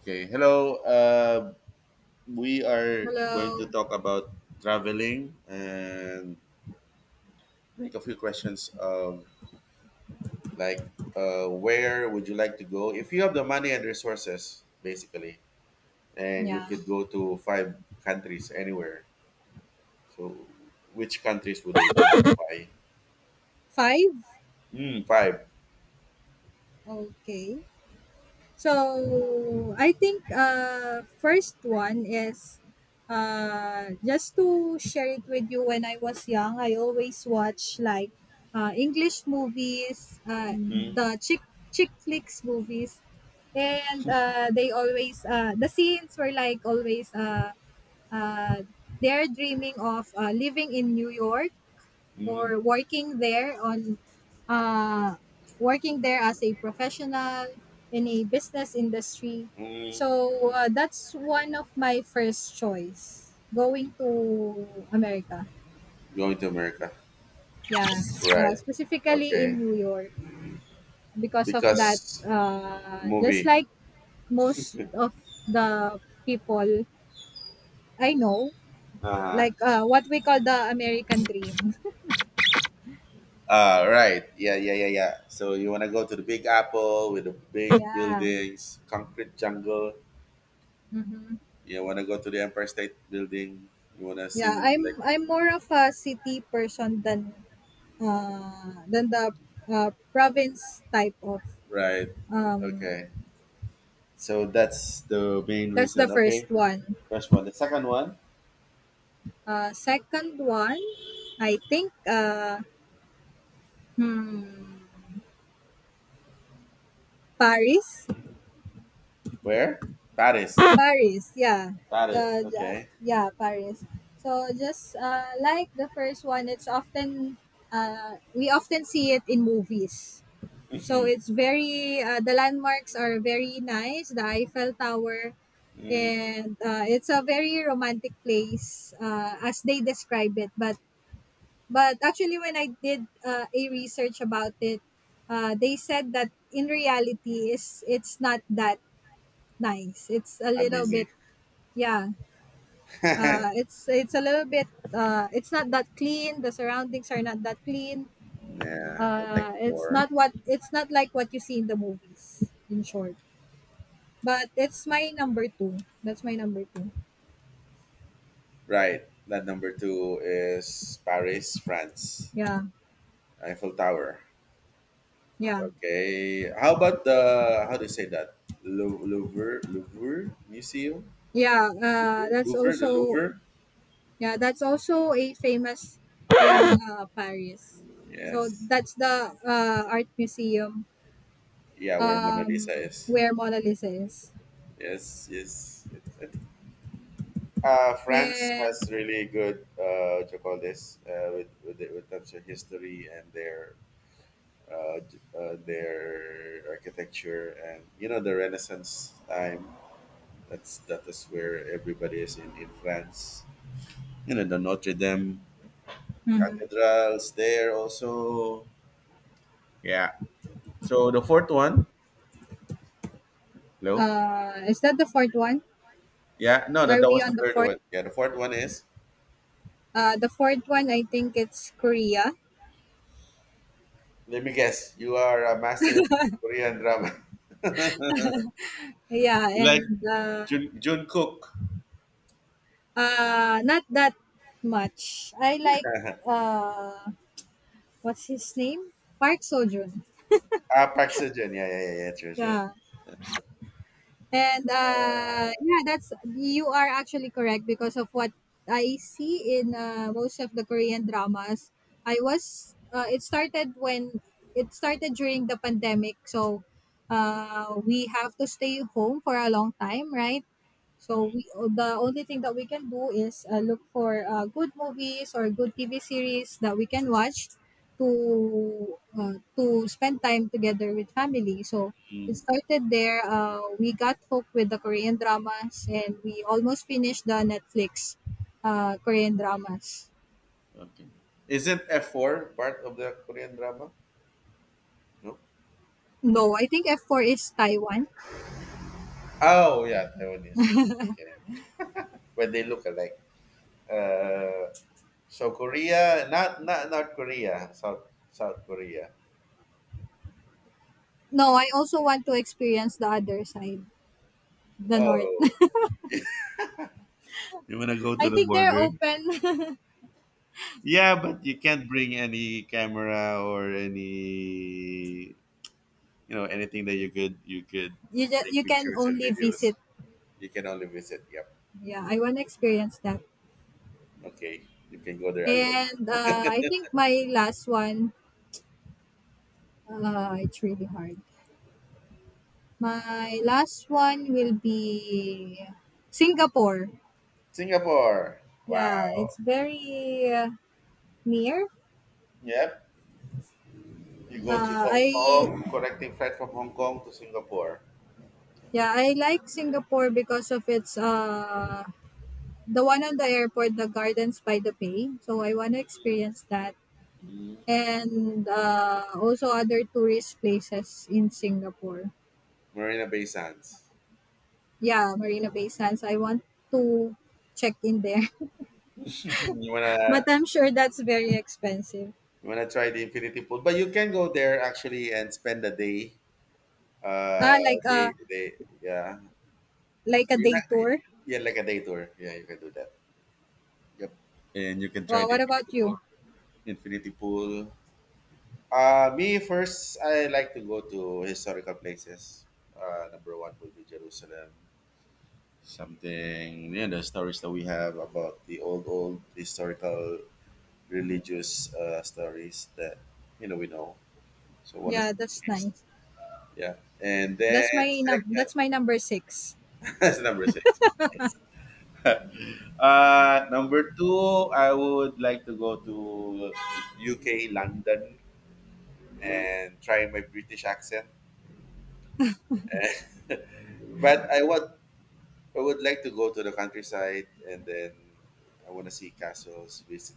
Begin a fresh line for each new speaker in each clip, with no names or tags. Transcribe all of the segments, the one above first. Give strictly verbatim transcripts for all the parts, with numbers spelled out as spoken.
Okay, hello. Uh, we are going
Hello.
to talk about traveling and make a few questions of like, uh, where would you like to go if you have the money and resources, basically, and you
Yeah.
could go to five countries anywhere. So, which countries would they be? And why?
Five?
Mm, five.
Okay. So I think uh first one is uh just to share it with you when I was young, I always watch like uh English movies, uh
Mm,
the chick chick flicks movies. And uh they always uh the scenes were like always uh uh they're dreaming of uh living in New York
mm,
or working there on uh, working there as a professional in a business industry.
mm.
So uh, that's one of my first choice going to America.
Going to America,
Yeah, uh,
right?
specifically in
Okay,
New York because of that.
because
Uh, just
movie.
like most of the people I know,
Uh-huh.
like uh, what we call the American dream.
Uh, right. Yeah, yeah, yeah, yeah. So you want to go to the Big Apple with the big
Yeah.
buildings, concrete jungle.
Mhm.
You want to go to the Empire State Building. You want to
Yeah,
sing like.
I'm I'm more of a city person than uh than the uh, province type of
Right.
um
Okay. So that's the main
that's the
reason.
first
Okay.
one.
First one. The second one.
Uh second one, I think uh hmm Paris.
Where? Paris.
Paris, yeah.
Paris.
Uh j-
Okay.
yeah, Paris. So just uh like the first one, it's often uh we often see it in movies. So it's very uh, the landmarks are very nice, the Eiffel Tower,
Mm,
and uh, it's a very romantic place, uh, as they describe it, but but actually when I did uh, a research about it, uh, they said that in reality is it's not that nice, it's a little bit,
amazing.
yeah.
Yeah,
Uh, it's it's a little bit, uh, it's not, that clean the surroundings are not that clean
I
uh,
like
it's
before.
not what it's not like what you see in the movies, in short, but it's my number two that's my number two,
Right. That number two is Paris, France.
yeah
Eiffel Tower.
yeah.
Okay. How about the how do you say that? Lou- Louvre, Louvre Museum,
Yeah, uh,
Louvre,
that's
Louvre, the
also,
Louvre.
yeah, that's also a famous uh, Paris. So
Yes.
that's the uh, art museum,
Yeah, where Mona Lisa
um,
is.
where Mona Lisa is.
Yes, yes. It's- I think, Uh, France
And
has really good, uh, what you call this, uh, with with the, with terms of history and their, uh, j- uh, their architecture, and you know the Renaissance time. That's that is where everybody is in in France. You know the Notre Dame
mhm.
cathedrals there also. Yeah. So the fourth one. Hello?
Uh, is that the fourth one?
Yeah, no, that,
Are
that
we
was the
on the
third
fourth?
one. Yeah, the fourth one is,
Uh, the fourth one, I think it's Korea.
let me guess, you are a massive Korean drama.
Yeah,
You like
and uh,
Jun Jungkook.
uh, not that much. I like, uh, what's his name? Park Sojourn.
Ah, Park Seo-joon. Yeah, yeah, yeah, yeah, sure, sure.
Yeah, and uh, yeah, that's, you are actually correct because of what I see in, uh, most of the Korean dramas. I was uh, it started when It started during the pandemic, so uh, we have to stay home for a long time, right? So we the only thing that we can do is uh, look for uh, good movies or good T V series that we can watch to uh, to spend time together with family. So it
Hmm.
started there. Uh, we got hooked with the Korean dramas, and we almost finished the Netflix, uh, Korean dramas.
Okay. Isn't F four part of the Korean drama? No.
No, I think f four is Taiwan.
Oh, yeah, Taiwanese. Okay. When they look alike. Uh, so Korea, not not not Korea, South South Korea.
No, I also want to experience the other side, the north.
Oh, you wanna go to
I
the
think they're
border?
open.
Yeah, but you can't bring any camera or any, you know anything that you could you could
You just,
take
you can
pictures and
only
videos.
visit.
You can only visit. Yep.
Yeah, I want to
Yeah.
experience that.
Okay, you can go there alone.
And uh, I think my last one, uh, it's really hard. My last one will be Singapore.
Singapore.
Yeah, it's
Wow.
very uh, near.
Yep. You go to
Uh,
Hong
I
Kong, connecting flight from Hong Kong to Singapore.
Yeah, I like
Yep.
Singapore because of its uh the one on the airport, the Gardens by the Bay. So I want to experience that,
Mm.
and uh, also other tourist places in Singapore.
Marina Bay Sands.
Yeah, Marina Bay Sands. I want to check in there,
you
but
wanna
I'm sure that's very expensive.
you wanna try the infinity pool, but you can go there actually and spend a day.
Ah,
Uh,
like
they
a
they Yeah.
like a
You're
day
not,
tour.
yeah, like a day tour. Yeah, you can do that. Yep. And you can try
Well,
the
what
infinity
about you?
pool. Infinity pool. Uh, me first. I like to go to historical places. Uh, number one would be Jerusalem. Something, yeah, the stories that we have about the old old historical religious, uh, stories that you know we know. So one is,
Yeah, that's nice.
yeah, and then
That's my num-
second.
that's my number six.
That's number six. uh, number two, I would like to go to U K, London, and try my British accent. But I would I would like to go to the countryside, and then I want to see castles, visit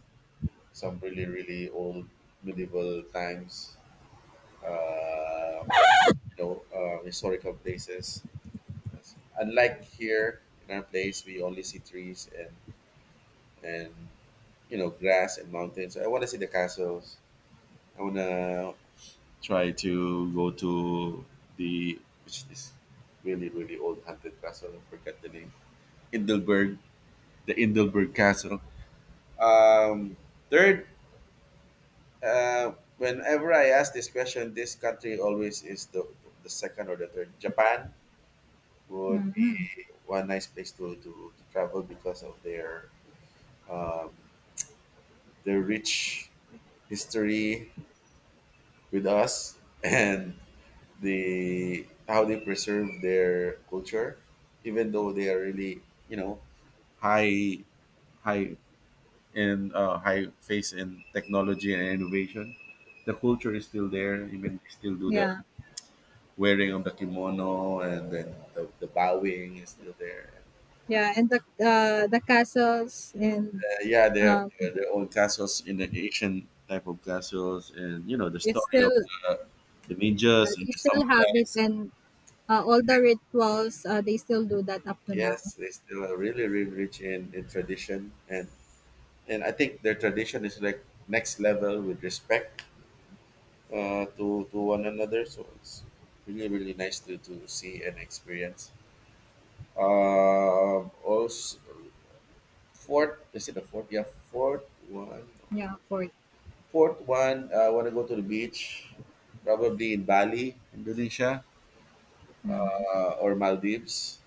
some really, really old medieval times, uh, you know, uh, historical places. Unlike here in our place, we only see trees and and you know grass and mountains. So I want to see the castles. I wanna try to go to the, which is really, really old haunted castle. I forgot the name. Indelberg, the Indelberg Castle. Um, third, uh, whenever I ask this question, this country always is the the second or the third. Japan would be one nice place to to, to travel because of their um, their rich history with us and the how they preserve their culture, even though they are really, you know high high in, uh, high face in technology and innovation. The culture is still there. Even they still do the
Yeah,
wearing of the kimono, and then the, the bowing is still there.
yeah, and the uh, the castles and,
Uh, yeah, they have
um,
they their own castles in the Asian type of castles, and you know the
it's
story
still,
of the, the
yeah,
ninjas and
they
the
still have it,
samurais.
and uh, all the rituals, uh, they still do that up to now.
Yes, they still are really, really rich in, in tradition, and and I think their tradition is like next level with respect, uh, to to one another. So it's really, really nice to to see and experience. Um, also fourth, is it the fourth? Yeah, fourth one.
Yeah, for
Fourth one. uh, I want to go to the beach, probably in Bali, Indonesia, uh, or Maldives.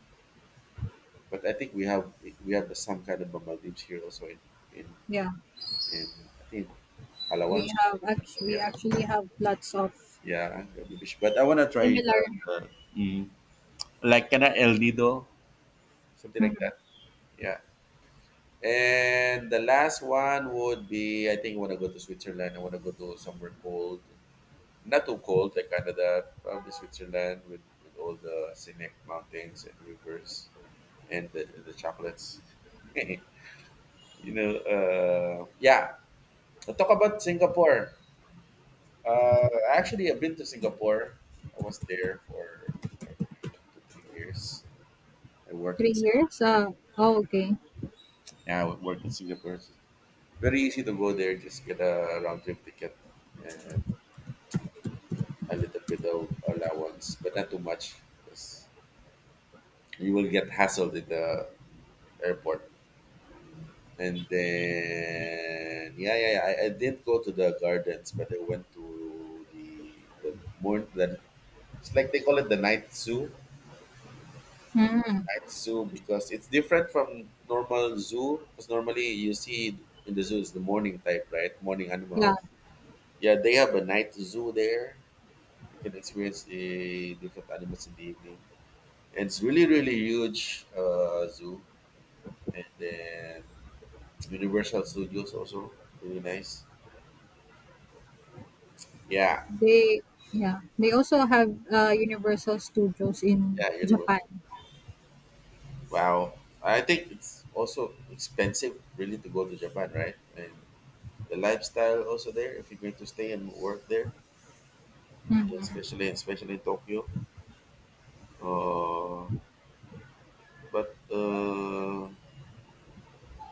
But I think we have we have the, some kind of a Maldives here also in in in,
yeah,
in I think
we
Palawan.
have actually, we
Yeah.
actually have lots of
Yeah, Gabi Fish. But I wanna try
similar,
the the mm, like kinda El Nido, something like
mm,
that. Yeah. And the last one would be, I think, I wanna go to Switzerland. I wanna go to somewhere cold. Not too cold, like Canada, probably Switzerland with, with all the scenic mountains and rivers and the, the chocolates. you know, uh, yeah. Let's talk about Singapore. Uh, actually, I've been to Singapore. I was there for probably two to three years. I worked
three
in
years.
Singapore.
Uh, oh, okay.
Yeah, I worked in Singapore. It's very easy to go there, just get a round trip ticket and a little bit of allowance, but not too much because you will get hassled at the airport. And then, yeah, yeah, yeah. I, I did go to the gardens, but I went to the the more the it's like they call it the night zoo.
Mm,
Night zoo, because it's different from normal zoo. Because normally you see in the zoo is the morning type, right? Morning
yeah,
animals. Yeah, they have a night zoo there. You can experience the different animals in the evening. And it's really, really huge, uh, zoo. And then Universal Studios also really nice. Yeah,
they yeah they also have uh, Universal Studios in
yeah,
Japan.
Universal. Wow, I think it's also expensive really to go to Japan, right? And the lifestyle also there if you're going to stay and work there, yeah, especially especially in Tokyo. Uh, but uh,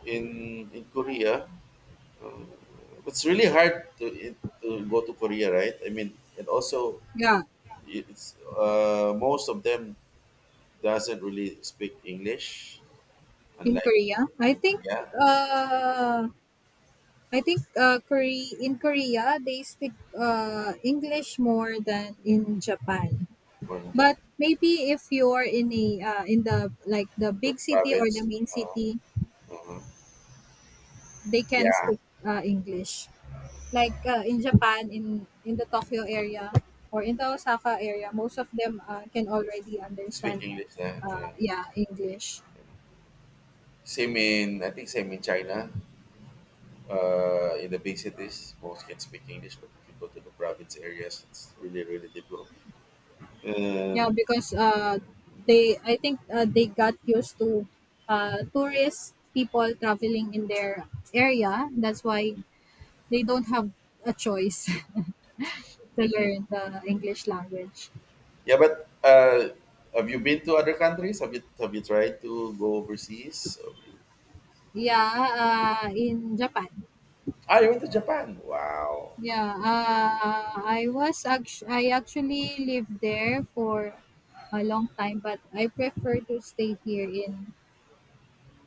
in in Korea, it's really hard to, it- to go to Korea, right? I mean, and also
Yeah,
it's uh, most of them doesn't really speak English,
in
unlike,
Korea, I think.
yeah,
Uh, I think uh, Korea, in Korea they speak uh, English more than in Japan.
one
But
Japan
maybe if you're in a uh, in the like the big city or the
province.
main
Uh,
city,
uh
they can
Yeah,
speak uh, English. Like uh, in Japan, in in the Tokyo area or in the Osaka area, most of them uh, can already
speak
understand.
English. Yeah,
Uh,
yeah.
yeah, English.
Same in, I think, same in China. Uh, in the big cities, most can speak English, but if you go to the province areas, it's really, really difficult.
Yeah,
Um,
because uh, they, I think uh, they got used to uh, tourist people traveling in their area. That's why they don't have a choice to learn the English language.
Yeah, but uh, have you been to other countries? Have you have you tried to go overseas? Have you-
Yeah, uh, in Japan.
Ah, you went to Japan. Wow.
Yeah, uh, I was act- I actually lived there for a long time, but I prefer to stay here in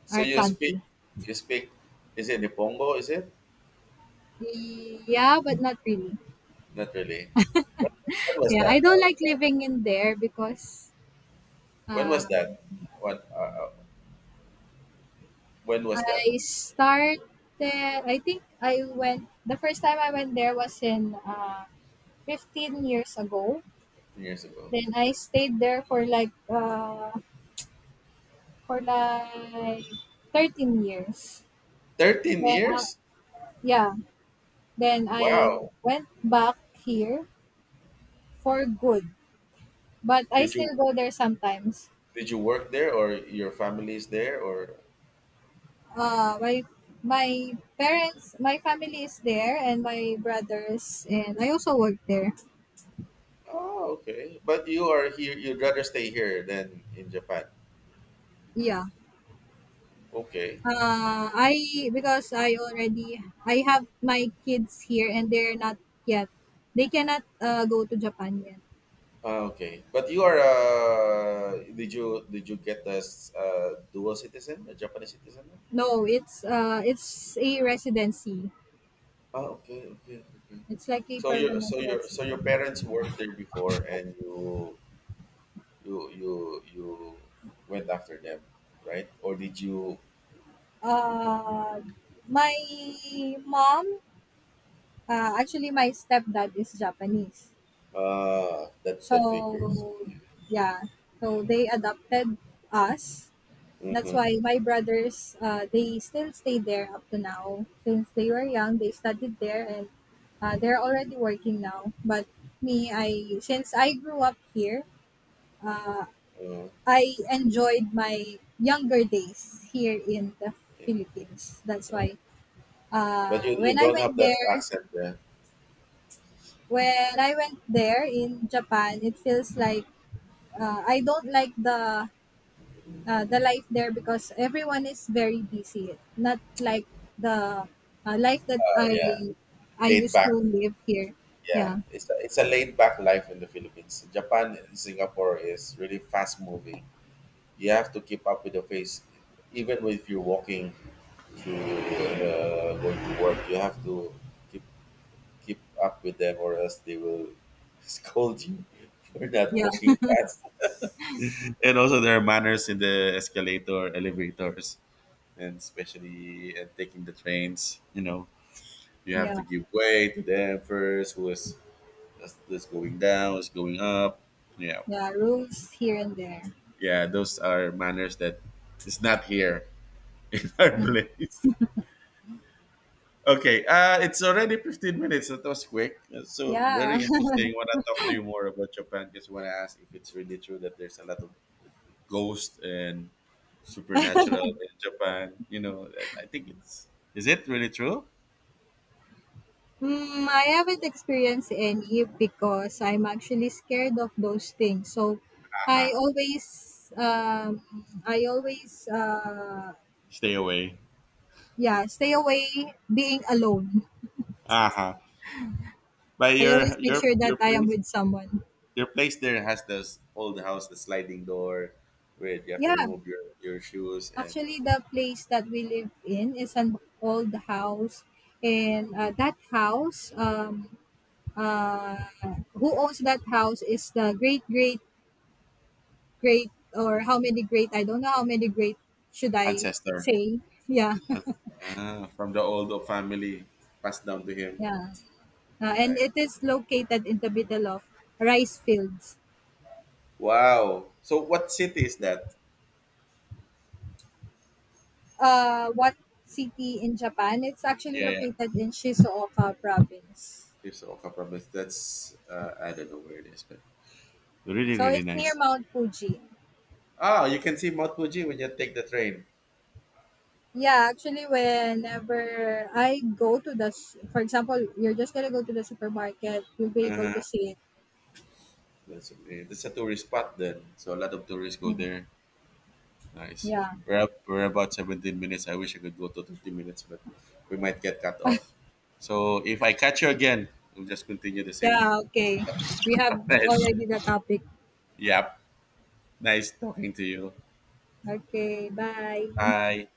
So
our
you speak
country.
you speak is it Nipongo, is it?
Yeah, but not really.
Not really. When, when was
Yeah, I
that?
don't
How was
like
that?
living in there because
When
Uh,
was that? What uh, uh, when was that?
I started. I think I went. The first time I went there was in uh, fifteen years ago.
ten years ago.
Then I stayed there for like uh, for like thirteen years.
thirteen
Then uh,
years?
yeah. Then I
Wow.
went back here for good. But I
Did
still
you
go there sometimes.
did you work there, or your family is there, or?
Uh, my my parents, my family is there, and my brothers, and I also work there.
Oh, okay. But you are here, you'd rather stay here than in Japan.
Yeah.
Okay.
Uh, I Because I already I have my kids here and they're not yet. They cannot uh, go to Japan yet.
Ah, okay, but you are uh, did you did you get as, uh, dual citizen, a Japanese citizen?
No, it's uh it's a residency.
Ah, okay, okay, okay.
It's like a
So your
permanent
so your so your
resident.
parents worked there before, and you you you you went after them, right? Or did you?
Uh, my mom, uh, actually my stepdad is Japanese.
Ah, that
So
that figures.
yeah, so they adopted us. That's why
Mm-hmm.
my brothers, uh, they still stay there up to now. Since they were young, they studied there and uh, they're already working now. But me, I since I grew up here, uh,
Uh,
I enjoyed my younger days here in the
it- it,
Philippines. That's why
uh,
uh,
but you,
when
you
I
don't
went
have that
there,
accent there.
when I went there in Japan, it feels like uh, I don't like the uh, the life there because everyone is very busy. Not like the uh, life that
Uh,
I
yeah,
I
laid
used
back.
to live here.
Yeah,
Yeah,
it's a, it's a laid back life in the Philippines. Japan and Singapore is really fast moving. You have to keep up with the pace, even if you're walking, to uh, going to work. You have to keep keep up with them, or else they will scold you for not
yeah,
walking fast. And also, there are manners in the escalator, elevators, and especially, uh, taking the trains. You know, you have
yeah,
to give way to them first. Who is that's, that's going down, it's going up. Yeah,
yeah. Rules here and there.
yeah, those are manners that is not here in our place. Okay, uh, it's already fifteen minutes, so That was quick. Uh, So,
Yeah.
very interesting. Want to talk to you more about Japan because want to ask if it's really true that there's a lot of ghosts and supernatural in Japan. You know, I I think it's. Is it really true?
Mm, I haven't experienced any because I'm actually scared of those things. So I always um I always uh
Stay away.
yeah, stay away being alone.
Uh huh. But
I always
your
make
your
sure that
your
I am
place.
with someone.
Your place there has this old house, the sliding door, where you have to
Yeah.
remove your, your shoes and
Actually, the place that we live in is an old house, and uh, that house, um, uh, who owns that house is the great, great, great, or how many great? I don't know how many great should I
ancestor,
say. Yeah,
ah, from the old family, passed down to him.
yeah, uh, and
Right.
it is located in the middle of rice fields.
Wow. So what city is that?
Uh, what city in Japan? It's actually
Yeah, yeah.
located in Shizuoka province,
There's Okafor, but that's uh, I don't know where it is, but really,
so
really
it's near
nice.
Mount Fuji.
Oh, you can see Mount Fuji when you take the train.
Yeah, actually, whenever I go to the, s- for example, you're just gonna go to the supermarket, you'll be able to
Uh-huh.
see it.
That's, uh, that's a tourist spot then, so a lot of tourists go
Mm,
there. Nice.
yeah.
We're up, we're about seventeen minutes. I wish I could go to thirty minutes, but we might get cut off. So if I catch you again, we'll just continue the same
Yeah, okay.
topic.
We have
Right.
already the topic.
Yep. Nice talking to you.
Okay, bye.
Hi.